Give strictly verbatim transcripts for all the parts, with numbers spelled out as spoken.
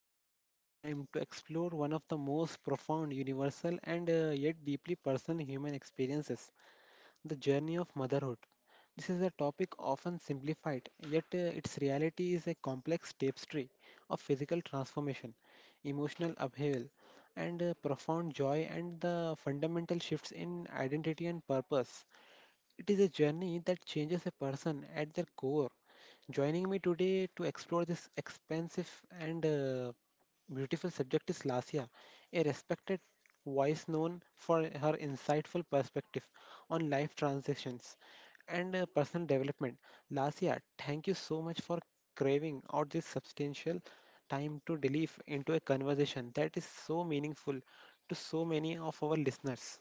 dedicating our time to explore one of the most profound, universal, and uh, yet deeply personal human experiences, the journey of motherhood. This is a topic often simplified, yet uh, its reality is a complex tapestry of physical transformation, emotional upheaval, and uh, profound joy, and the fundamental shifts in identity and purpose. It is a journey that changes a person at their core. Joining me today to explore this expansive and uh, beautiful subject is Lasia, a respected voice known for her insightful perspective on life transitions and uh, personal development. Lasia, thank you so much for craving out this substantial time to delve into a conversation that is so meaningful to so many of our listeners.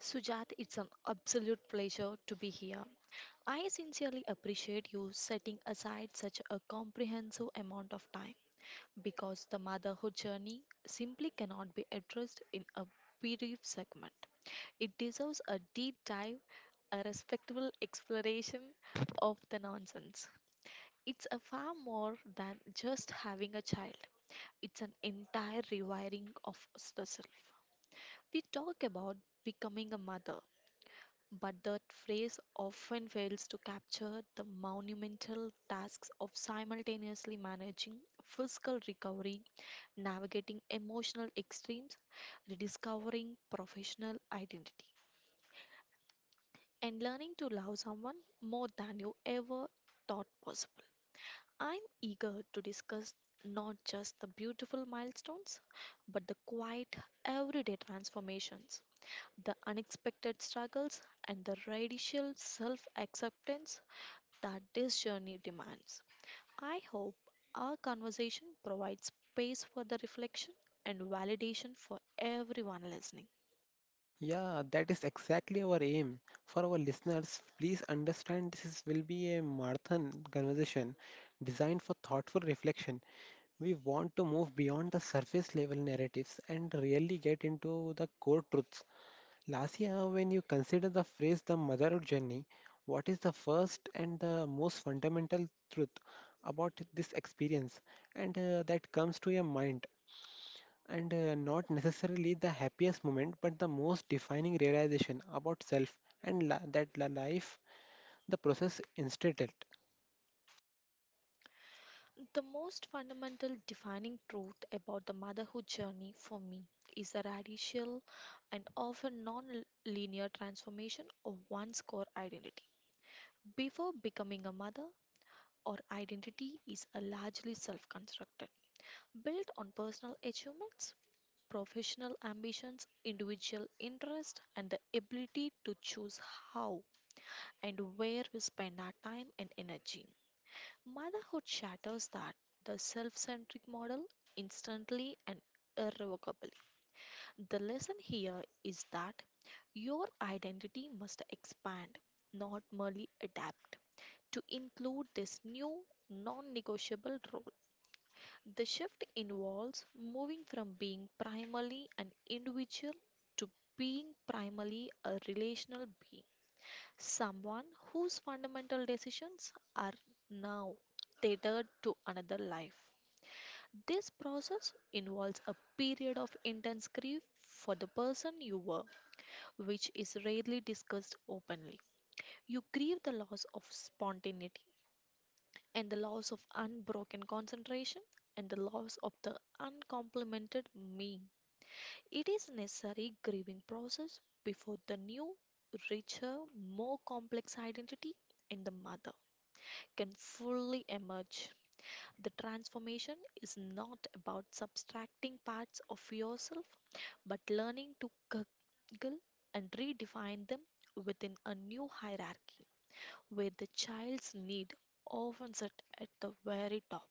Sujat, it's an absolute pleasure to be here. I sincerely appreciate you setting aside such a comprehensive amount of time because the motherhood journey simply cannot be addressed in a brief segment. It deserves a deep dive, a respectful exploration of the nonsense. It's a far more than just having a child. It's an entire rewiring of the self. We talk about becoming a mother, but that phrase often fails to capture the monumental tasks of simultaneously managing fiscal recovery, navigating emotional extremes, rediscovering professional identity, and learning to love someone more than you ever thought possible. I'm eager to discuss not just the beautiful milestones, but the quiet, everyday transformations, the unexpected struggles, and the radical self acceptance that this journey demands. I hope our conversation provides space for the reflection and validation for everyone listening. Yeah, that is exactly our aim. For our listeners, please understand this is, will be a marathon conversation designed for thoughtful reflection. We want to move beyond the surface level narratives and really get into the core truths. Lasia, when you consider the phrase the motherhood journey, what is the first and the most fundamental truth about this experience, and uh, that comes to your mind? and uh, not necessarily the happiest moment, but the most defining realization about self and la- that la- life, the process instead it. The most fundamental defining truth about the motherhood journey for me is the radical and often non linear transformation of one's core identity. Before becoming a mother, or identity is a largely self constructed, built on personal achievements, professional ambitions, individual interest, and the ability to choose how and where we spend our time and energy. Motherhood shatters that, the self centric model, instantly and irrevocably. The lesson here is that your identity must expand, not merely adapt, to include this new non negotiable role. The shift involves moving from being primarily an individual to being primarily a relational being, someone whose fundamental decisions are now tethered to another life. This process involves a period of intense grief for the person you were, which is rarely discussed openly. You grieve the loss of spontaneity, and the loss of unbroken concentration and the loss of the uncomplemented me. It is a necessary grieving process before the new, richer, more complex identity in the mother can fully emerge. The transformation is not about subtracting parts of yourself but learning to guggle and redefine them within a new hierarchy where the child's need often sit at the very top.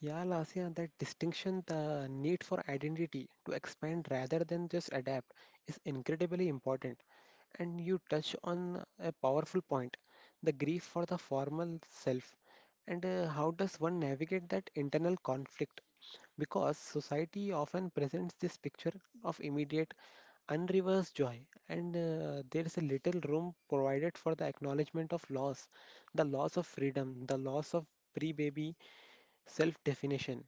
Yeah, Lasya, that distinction, the need for identity to expand rather than just adapt, is incredibly important. And you touch on a powerful point, the grief for the formal self. And uh, How does one navigate that internal conflict? Because society often presents this picture of immediate unreversed joy, and uh, there is a little room provided for the acknowledgement of loss, the loss of freedom, the loss of pre-baby self-definition.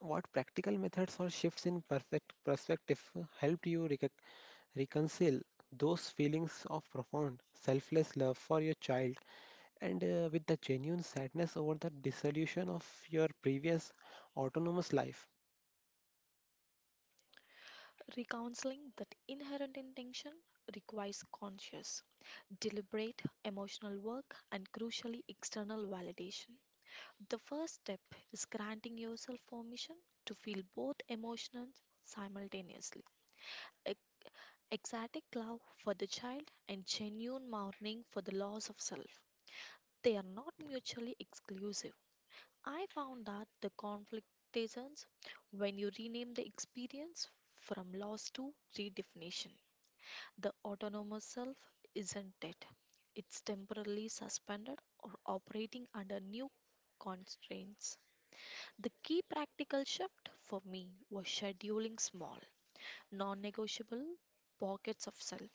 What practical methods or shifts in perfect perspective helped you recon- reconcile those feelings of profound selfless love for your child, and uh, with the genuine sadness over the dissolution of your previous autonomous life? Recounseling that inherent intention requires conscious, deliberate emotional work and crucially external validation. The first step is granting yourself permission to feel both emotions simultaneously. E- Ecstatic love for the child and genuine mourning for the loss of self. They are not mutually exclusive. I found that the conflict reasons when you rename the experience from loss to redefinition. The autonomous self isn't dead, it's temporarily suspended or operating under new constraints. The key practical shift for me was scheduling small, non negotiable pockets of self.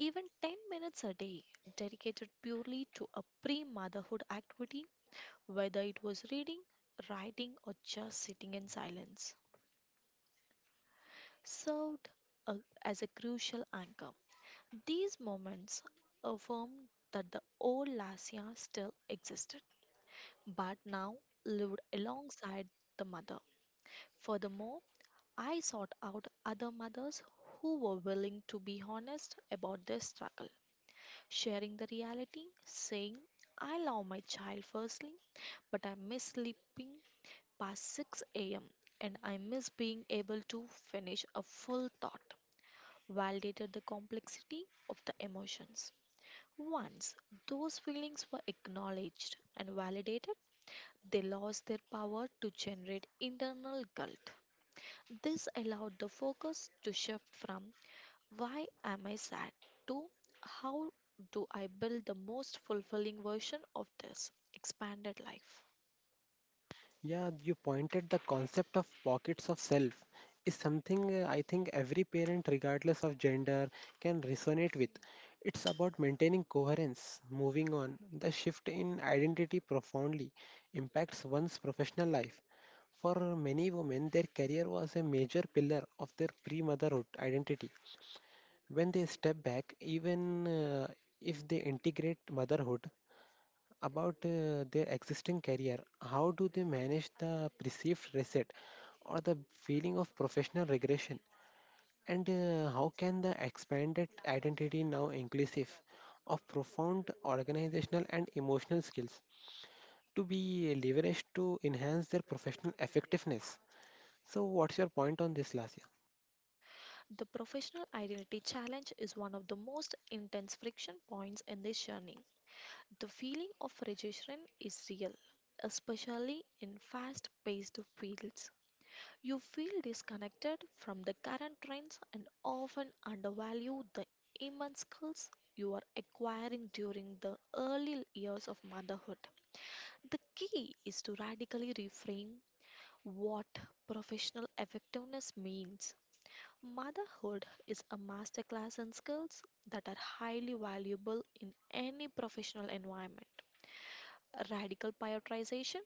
Even ten minutes a day dedicated purely to a pre motherhood activity, whether it was reading, writing, or just sitting in silence, served a, as a crucial anchor. These moments affirmed that the old Lasya still existed, but now lived alongside the mother. Furthermore, I sought out other mothers who were willing to be honest about their struggle, sharing the reality, saying, I love my child firstly, but I miss sleeping past six a m and I miss being able to finish a full thought, validated the complexity of the emotions. Once those feelings were acknowledged and validated, they lost their power to generate internal guilt. This allowed the focus to shift from why am I sad to how do I build the most fulfilling version of this expanded life. Yeah, you pointed the concept of pockets of self is something uh, I think every parent, regardless of gender, can resonate with. It's about maintaining coherence, moving on. The shift in identity profoundly impacts one's professional life. For many women, their career was a major pillar of their pre motherhood identity. When they step back, even uh, if they integrate motherhood, about uh, their existing career, how do they manage the perceived reset or the feeling of professional regression? And uh, How can the expanded identity, now inclusive of profound organizational and emotional skills, to be leveraged to enhance their professional effectiveness? So, what's your point on this, Lasya? The professional identity challenge is one of the most intense friction points in this journey. The feeling of rejection is real, especially in fast paced fields. You feel disconnected from the current trends and often undervalue the immense skills you are acquiring during the early years of motherhood. The key is to radically reframe what professional effectiveness means. Motherhood is a masterclass in skills that are highly valuable in any professional environment. Radical prioritization,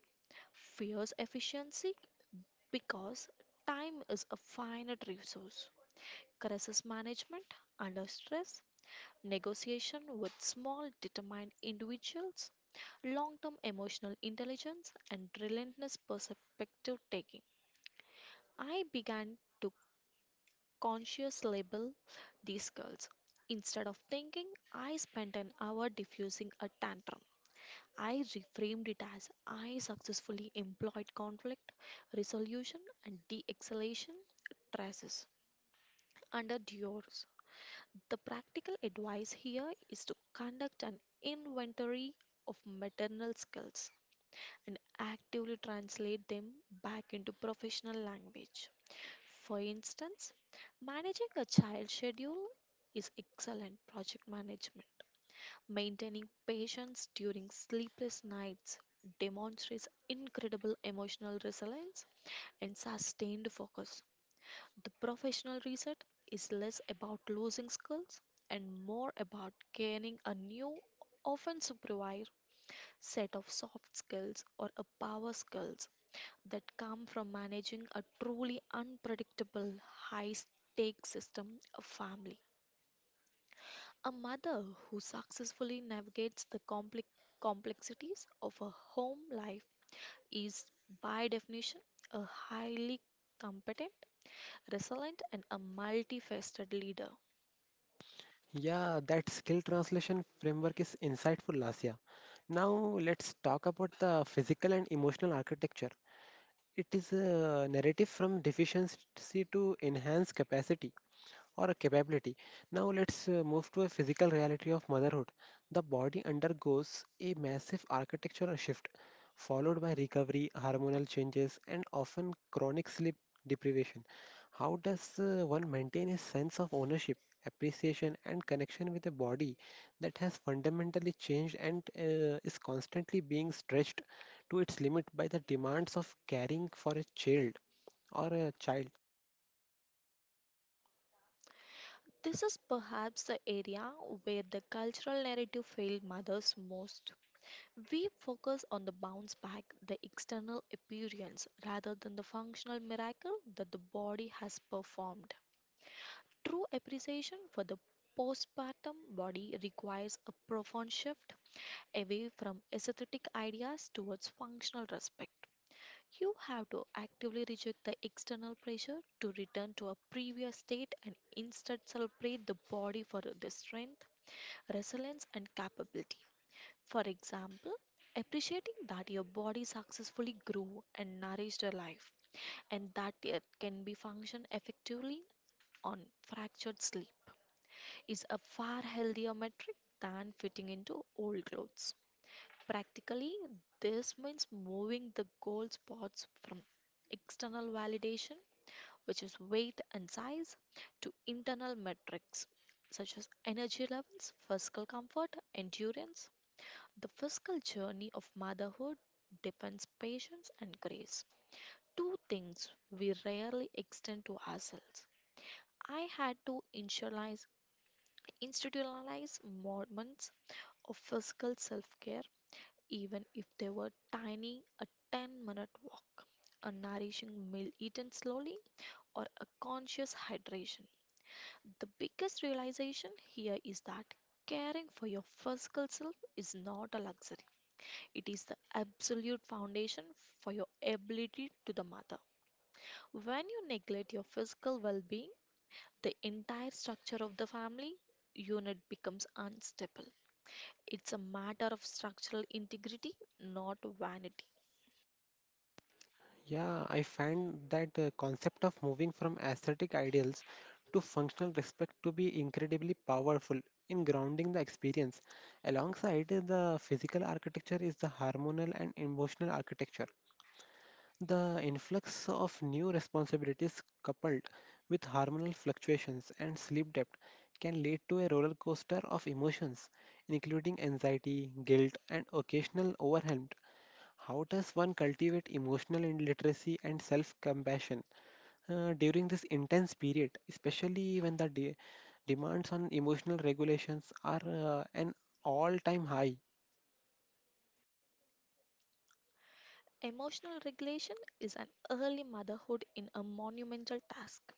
fierce efficiency, because time is a finite resource. Crisis management under stress, negotiation with small, determined individuals, long term emotional intelligence, and relentless perspective taking. I began to consciously label these girls. Instead of thinking, I spent an hour diffusing a tantrum. I reframed it as I successfully employed conflict resolution and de escalation traces under Dior's. The practical advice here is to conduct an inventory of maternal skills and actively translate them back into professional language. For instance, managing a child schedule is excellent project management. Maintaining patience during sleepless nights demonstrates incredible emotional resilience and sustained focus. The professional reset is less about losing skills and more about gaining a new, often supervised set of soft skills or a power skills that come from managing a truly unpredictable, high stake system a family. A mother who successfully navigates the compli- complexities of a home life is, by definition, a highly competent, resilient, and a multifaceted leader. Yeah, that skill translation framework is insightful, Lasya. Now, let's talk about the physical and emotional architecture. It is a narrative from deficiency to enhance capacity or a capability. Now let's uh, move to a physical reality of motherhood. The body undergoes a massive architectural shift, followed by recovery, hormonal changes, and often chronic sleep deprivation. How does uh, one maintain a sense of ownership, appreciation, and connection with a body that has fundamentally changed and uh, is constantly being stretched to its limit by the demands of caring for a child or a child? This is perhaps the area where the cultural narrative failed mothers most. We focus on the bounce back, the external appearance, rather than the functional miracle that the body has performed. True appreciation for the postpartum body requires a profound shift away from aesthetic ideas towards functional respect. You have to actively reject the external pressure to return to a previous state and instead celebrate the body for the strength resilience, and capability. For example, appreciating that your body successfully grew and nourished your life, and that it can be function effectively on fractured sleep, is a far healthier metric than fitting into old clothes. Practically, this means moving the goal spots from external validation, which is weight and size, to internal metrics such as energy levels, physical comfort, endurance. The physical journey of motherhood depends patience and grace. Two things we rarely extend to ourselves. I had to initialize, institutionalize moments of physical self-care, even if they were tiny, a ten-minute walk, a nourishing meal eaten slowly, or a conscious hydration. The biggest realization here is that caring for your physical self is not a luxury. It is the absolute foundation for your ability to the mother. When you neglect your physical well-being, the entire structure of the family unit becomes unstable. It's a matter of structural integrity, not vanity. Yeah, I find that the concept of moving from aesthetic ideals to functional respect to be incredibly powerful in grounding the experience. Alongside the physical architecture is the hormonal and emotional architecture. The influx of new responsibilities, coupled with hormonal fluctuations and sleep debt, can lead to a roller coaster of emotions, including anxiety, guilt, and occasional overwhelm. How does one cultivate emotional in- literacy and self compassion uh, during this intense period, especially when the de- demands on emotional regulations are uh, an all time high? Emotional regulation is an early motherhood in a monumental task,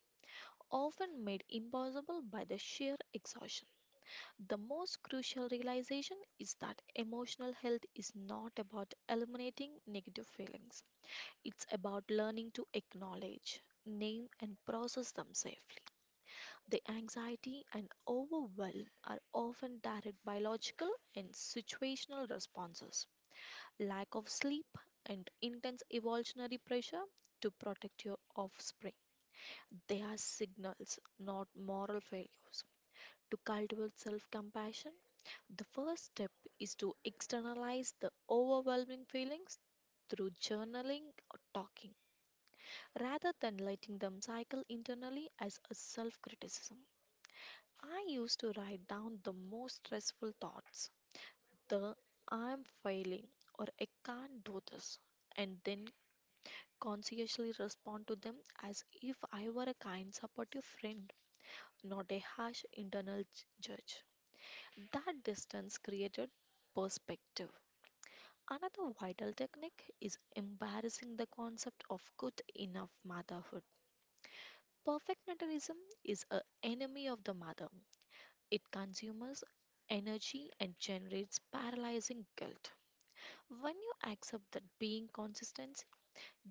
often made impossible by the sheer exhaustion. The most crucial realization is that emotional health is not about eliminating negative feelings. It's about learning to acknowledge, name, and process them safely. The anxiety and overwhelm are often direct biological and situational responses. Lack of sleep and intense evolutionary pressure to protect your offspring. They are signals, not moral failures. To cultivate self compassion, the first step is to externalize the overwhelming feelings through journaling or talking, rather than letting them cycle internally as a self criticism. I used to write down the most stressful thoughts, the I'm failing or I can't do this, and then conscientiously respond to them as if I were a kind, supportive friend, not a harsh internal j- judge. That distance created perspective. Another vital technique is embarrassing the concept of good enough motherhood. Perfectionism is an enemy of the mother. It consumes energy and generates paralyzing guilt. When you accept that being consistent,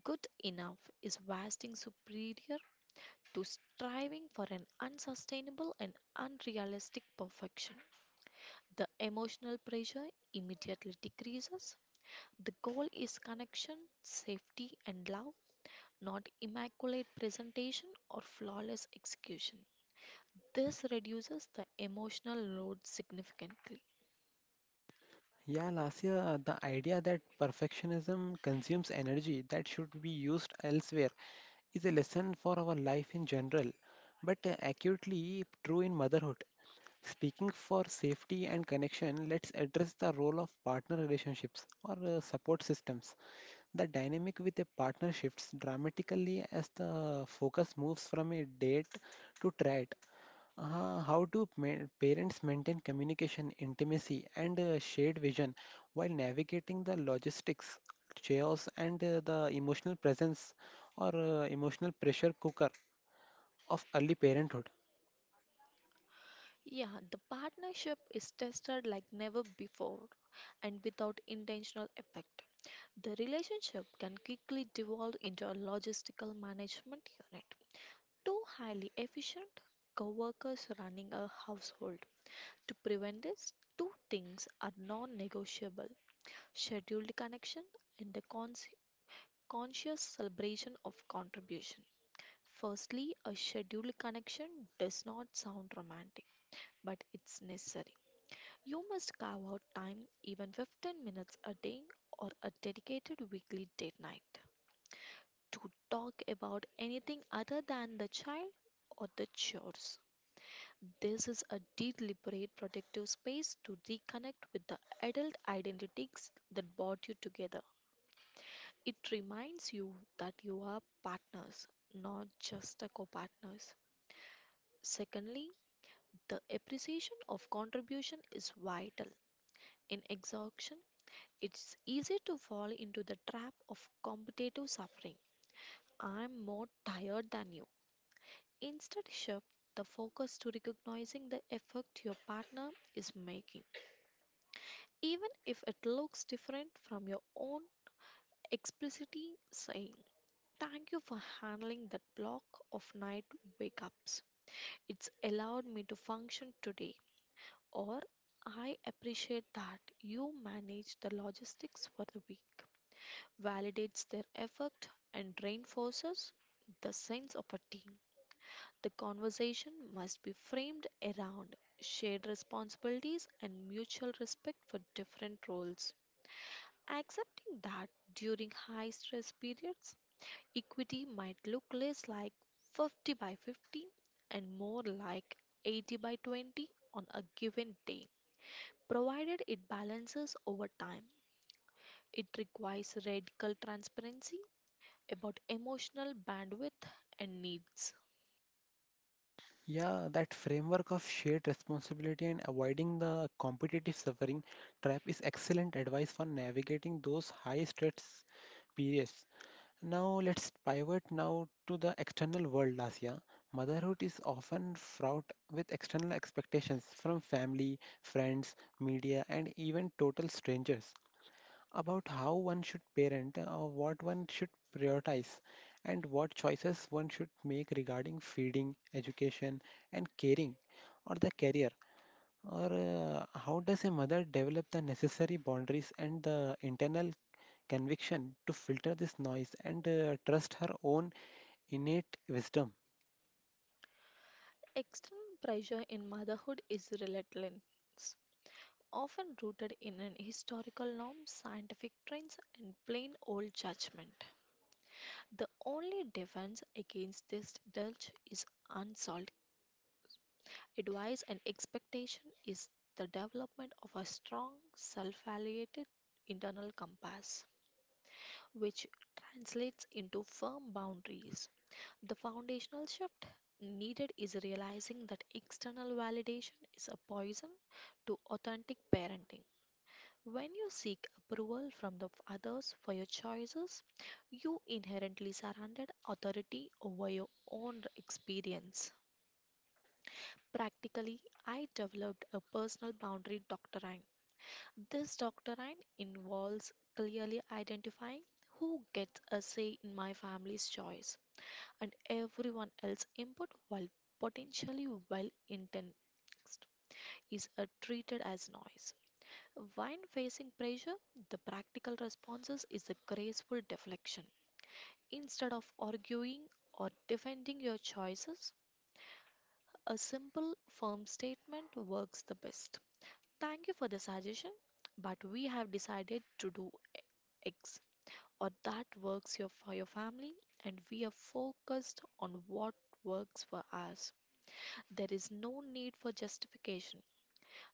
good enough is vastly superior to striving for an unsustainable and unrealistic perfection, the emotional pressure immediately decreases. The goal is connection, safety, and love, not immaculate presentation or flawless execution. This reduces the emotional load significantly. Yeah, Lasya, the idea that perfectionism consumes energy that should be used elsewhere is a lesson for our life in general, but uh, acutely true in motherhood. Speaking for safety and connection, let's address the role of partner relationships or uh, support systems. The dynamic with a partner shifts dramatically as the focus moves from a date to threat. Uh, how do ma- parents maintain communication, intimacy, and uh, shared vision while navigating the logistics, chaos, and uh, the emotional presence or uh, emotional pressure cooker of early parenthood? Yeah, the partnership is tested like never before and without intentional effect. The relationship can quickly devolve into a logistical management unit. Two highly efficient co-workers running a household. To prevent this, two things are non-negotiable. Scheduled connection and the cons- conscious celebration of contribution. Firstly, a scheduled connection does not sound romantic, but it's necessary. You must carve out time, even fifteen minutes a day or a dedicated weekly date night, to talk about anything other than the child or the chores. This is a deliberate protective space to reconnect with the adult identities that brought you together. It reminds you that you are partners, not just a co partners. Secondly, the appreciation of contribution is vital. In exhaustion, it's easy to fall into the trap of competitive suffering. I'm more tired than you. Instead, shift the focus to recognizing the effort your partner is making, even if it looks different from your own explicitly saying, thank you for handling that block of night wake ups. It's allowed me to function today. Or I appreciate that you manage the logistics for the week, validates their effort, and reinforces the sense of a team. The conversation must be framed around shared responsibilities and mutual respect for different roles. Accepting that during high stress periods, equity might look less like fifty by fifty and more like eighty by twenty on a given day provided it balances over time. It requires radical transparency about emotional bandwidth and needs. Yeah, that framework of shared responsibility and avoiding the competitive suffering trap is excellent advice for navigating those high stress periods. Now let's pivot now to the external world, Lasya. Motherhood is often fraught with external expectations from family, friends, media, and even total strangers about how one should parent, uh, what one should prioritize, and what choices one should make regarding feeding, education, and caring, or the career. Or uh, How does a mother develop the necessary boundaries and the internal conviction to filter this noise and uh, trust her own innate wisdom? External pressure in motherhood is relentless, often rooted in an historical norm, scientific trends, and plain old judgment. The only defense against this dulge is unsolved advice and expectation is the development of a strong, self-validated internal compass, which translates into firm boundaries. The foundational shift needed is realizing that external validation is a poison to authentic parenting. When you seek approval from the others for your choices, you inherently surrendered authority over your own experience. Practically, I developed a personal boundary doctrine. This doctrine involves clearly identifying who gets a say in my family's choice, and everyone else's input, while potentially well intentioned, is uh, treated as noise. When facing pressure, the practical responses is the graceful deflection. Instead of arguing or defending your choices, a simple, firm statement works the best. Thank you for the suggestion, but we have decided to do X. Or that works your, for your family, and we are focused on what works for us. There is no need for justification.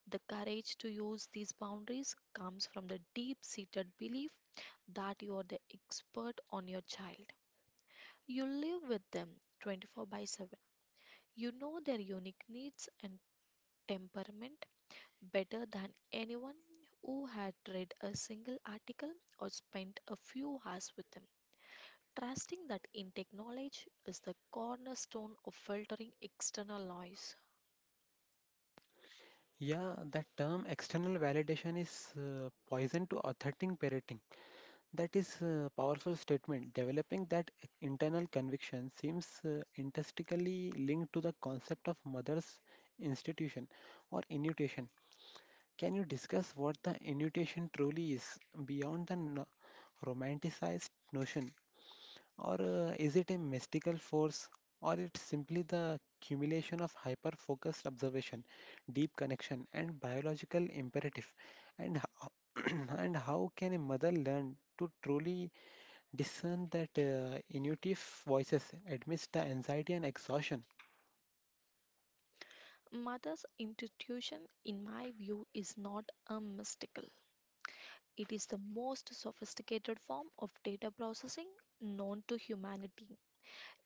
The courage to use these boundaries comes from the deep seated belief that you are the expert on your child. You live with them twenty-four by seven. You know their unique needs and temperament better than anyone who had read a single article or spent a few hours with them. Trusting that intake knowledge is the cornerstone of filtering external noise. Yeah, that term external validation is uh, poison to authentic parenting. That is a powerful statement. Developing that internal conviction seems uh, intrinsically linked to the concept of mother's institution or intuition. Can you discuss what the intuition truly is beyond the no- romanticized notion? Or uh, Is it a mystical force? Or it's simply the accumulation of hyper focused observation, deep connection, and biological imperative? And, ho- and how can a mother learn to truly discern that uh, intuitive voices amidst the anxiety and exhaustion? Mother's intuition, in my view, is not a mystical. It is the most sophisticated form of data processing known to humanity.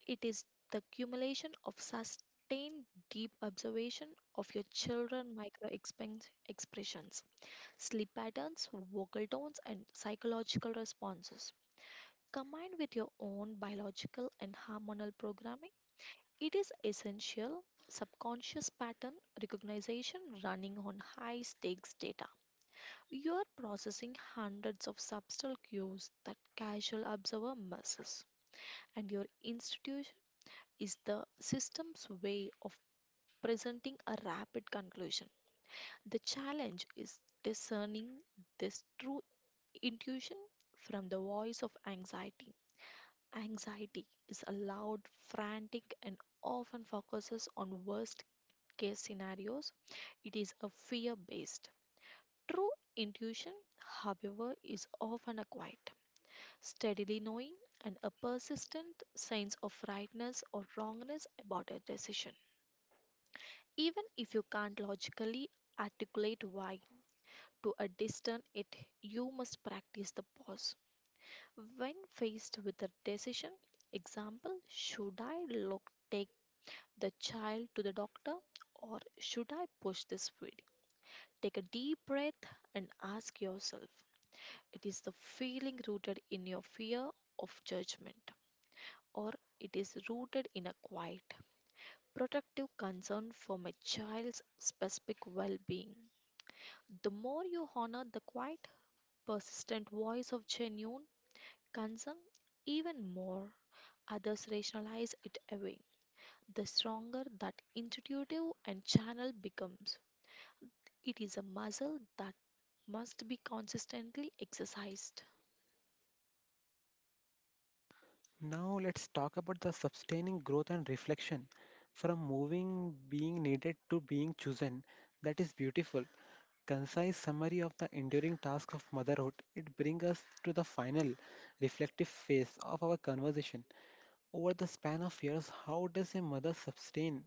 It is the accumulation of sustained deep observation of your children's micro expressions, sleep patterns, vocal tones, and psychological responses. Combined with your own biological and hormonal programming, it is essential subconscious pattern recognition running on high stakes data. You are processing hundreds of subtle cues that casual observer misses, and your institution is the system's way of presenting a rapid conclusion. The challenge is discerning this true intuition from the voice of anxiety. Anxiety is loud, frantic, and often focuses on worst case scenarios. It is a fear based. True intuition, however, is often a quiet, steadily knowing, and a persistent sense of rightness or wrongness about a decision. Even if you can't logically articulate why to a distant it, you must practice the pause. When faced with a decision, example, should I look, take the child to the doctor? Or should I push this feed? Take a deep breath and ask yourself, it is the feeling rooted in your fear of judgment, or it is rooted in a quiet, protective concern for my child's specific well being. The more you honor the quiet, persistent voice of genuine concern, even more others rationalize it away, the stronger that intuitive and channel becomes. It is a muscle that must be consistently exercised. Now, let's talk about the sustaining growth and reflection from moving being needed to being chosen. That is beautiful. Concise summary of the enduring task of motherhood, it brings us to the final reflective phase of our conversation. Over the span of years, how does a mother sustain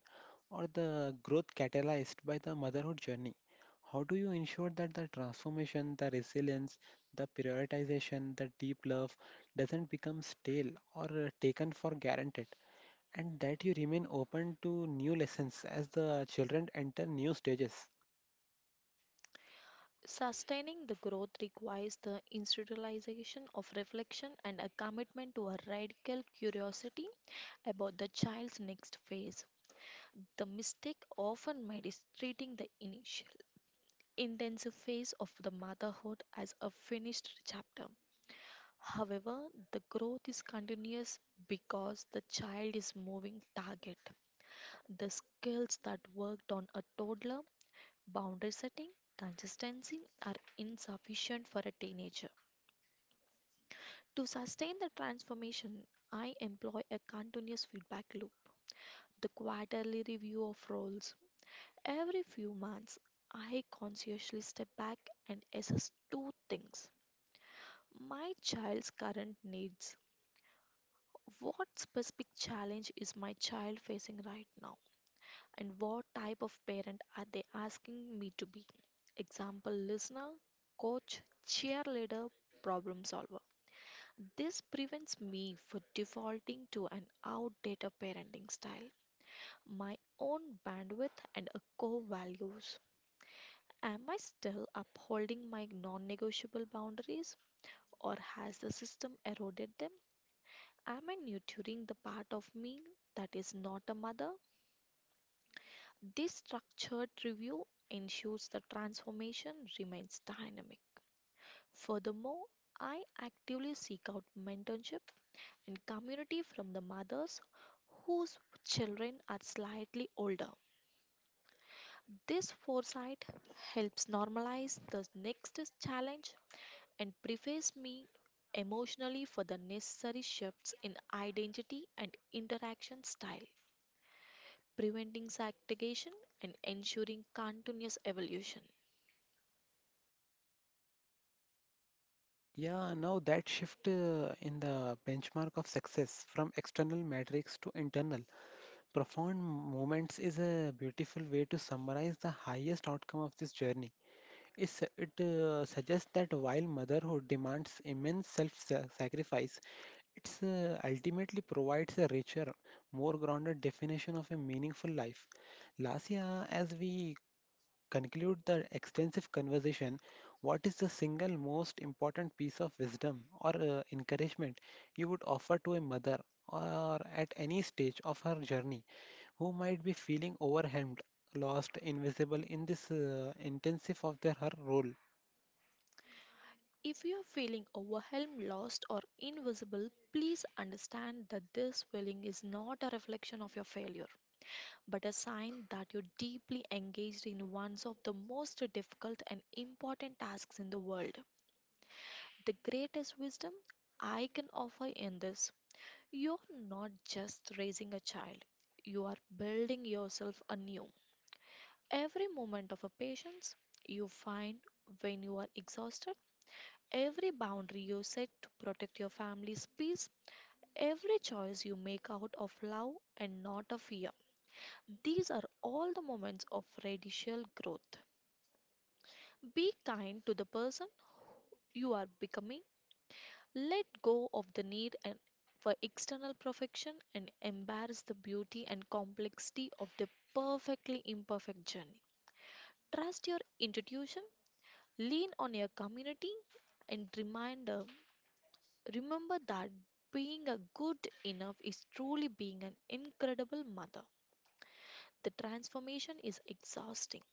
or the growth catalyzed by the motherhood journey? How do you ensure that the transformation, the resilience, the prioritization, the deep love doesn't become stale or uh, taken for granted, and that you remain open to new lessons as the children enter new stages? Sustaining the growth requires the institutionalization of reflection and a commitment to a radical curiosity about the child's next phase. The mistake often made is treating the initial intensive phase of the motherhood as a finished chapter. However, the growth is continuous because the child is moving target. The skills that worked on a toddler, boundary setting, consistency, are insufficient for a teenager. To sustain the transformation, I employ a continuous feedback loop, the quarterly review of roles. Every few months, I consciously step back and assess two things: my child's current needs. What specific challenge is my child facing right now, and what type of parent are they asking me to be? Example: listener, coach, cheerleader, problem solver. This prevents me from defaulting to an outdated parenting style, my own bandwidth and a core values. Am I still upholding my non negotiable boundaries, or has the system eroded them? Am I nurturing the part of me that is not a mother? This structured review ensures the transformation remains dynamic. Furthermore, I actively seek out mentorship and community from the mothers whose children are slightly older. This foresight helps normalize the next challenge and prepares me emotionally for the necessary shifts in identity and interaction style, preventing stagnation and ensuring continuous evolution. Yeah, now that shift uh, in the benchmark of success from external metrics to internal profound moments is a beautiful way to summarize the highest outcome of this journey. It's, it uh, suggests that while motherhood demands immense self sacrifice, it uh, ultimately provides a richer, more grounded definition of a meaningful life. Last year, as we conclude the extensive conversation, what is the single most important piece of wisdom or uh, encouragement you would offer to a mother or at any stage of her journey who might be feeling overwhelmed, lost, invisible in this uh, intensive of their her role? If you are feeling overwhelmed, lost, or invisible, please understand that this feeling is not a reflection of your failure, but a sign that you're deeply engaged in one of the most difficult and important tasks in the world. The greatest wisdom I can offer in this: you're not just raising a child, you are building yourself anew. Every moment of a patience you find when you are exhausted, every boundary you set to protect your family's peace, every choice you make out of love and not of fear. These are all the moments of radical growth. Be kind to the person you are becoming. Let go of the need and for external perfection, and embrace the beauty and complexity of the perfectly imperfect journey. Trust your intuition, lean on your community, and reminder. Remember that being a good enough is truly being an incredible mother. The transformation is exhausting,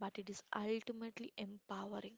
but it is ultimately empowering.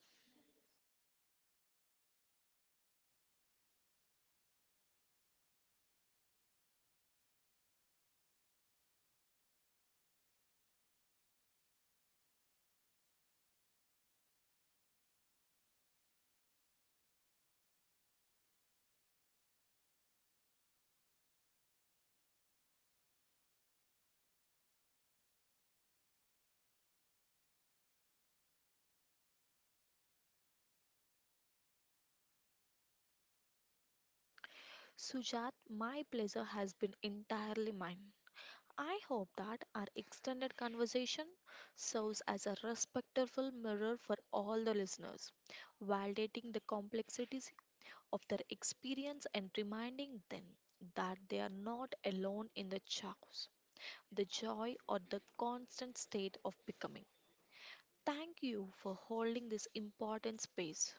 Sujat, my pleasure has been entirely mine. I hope that our extended conversation serves as a respectful mirror for all the listeners, validating the complexities of their experience and reminding them that they are not alone in the chaos, the joy, or the constant state of becoming. Thank you for holding this important space.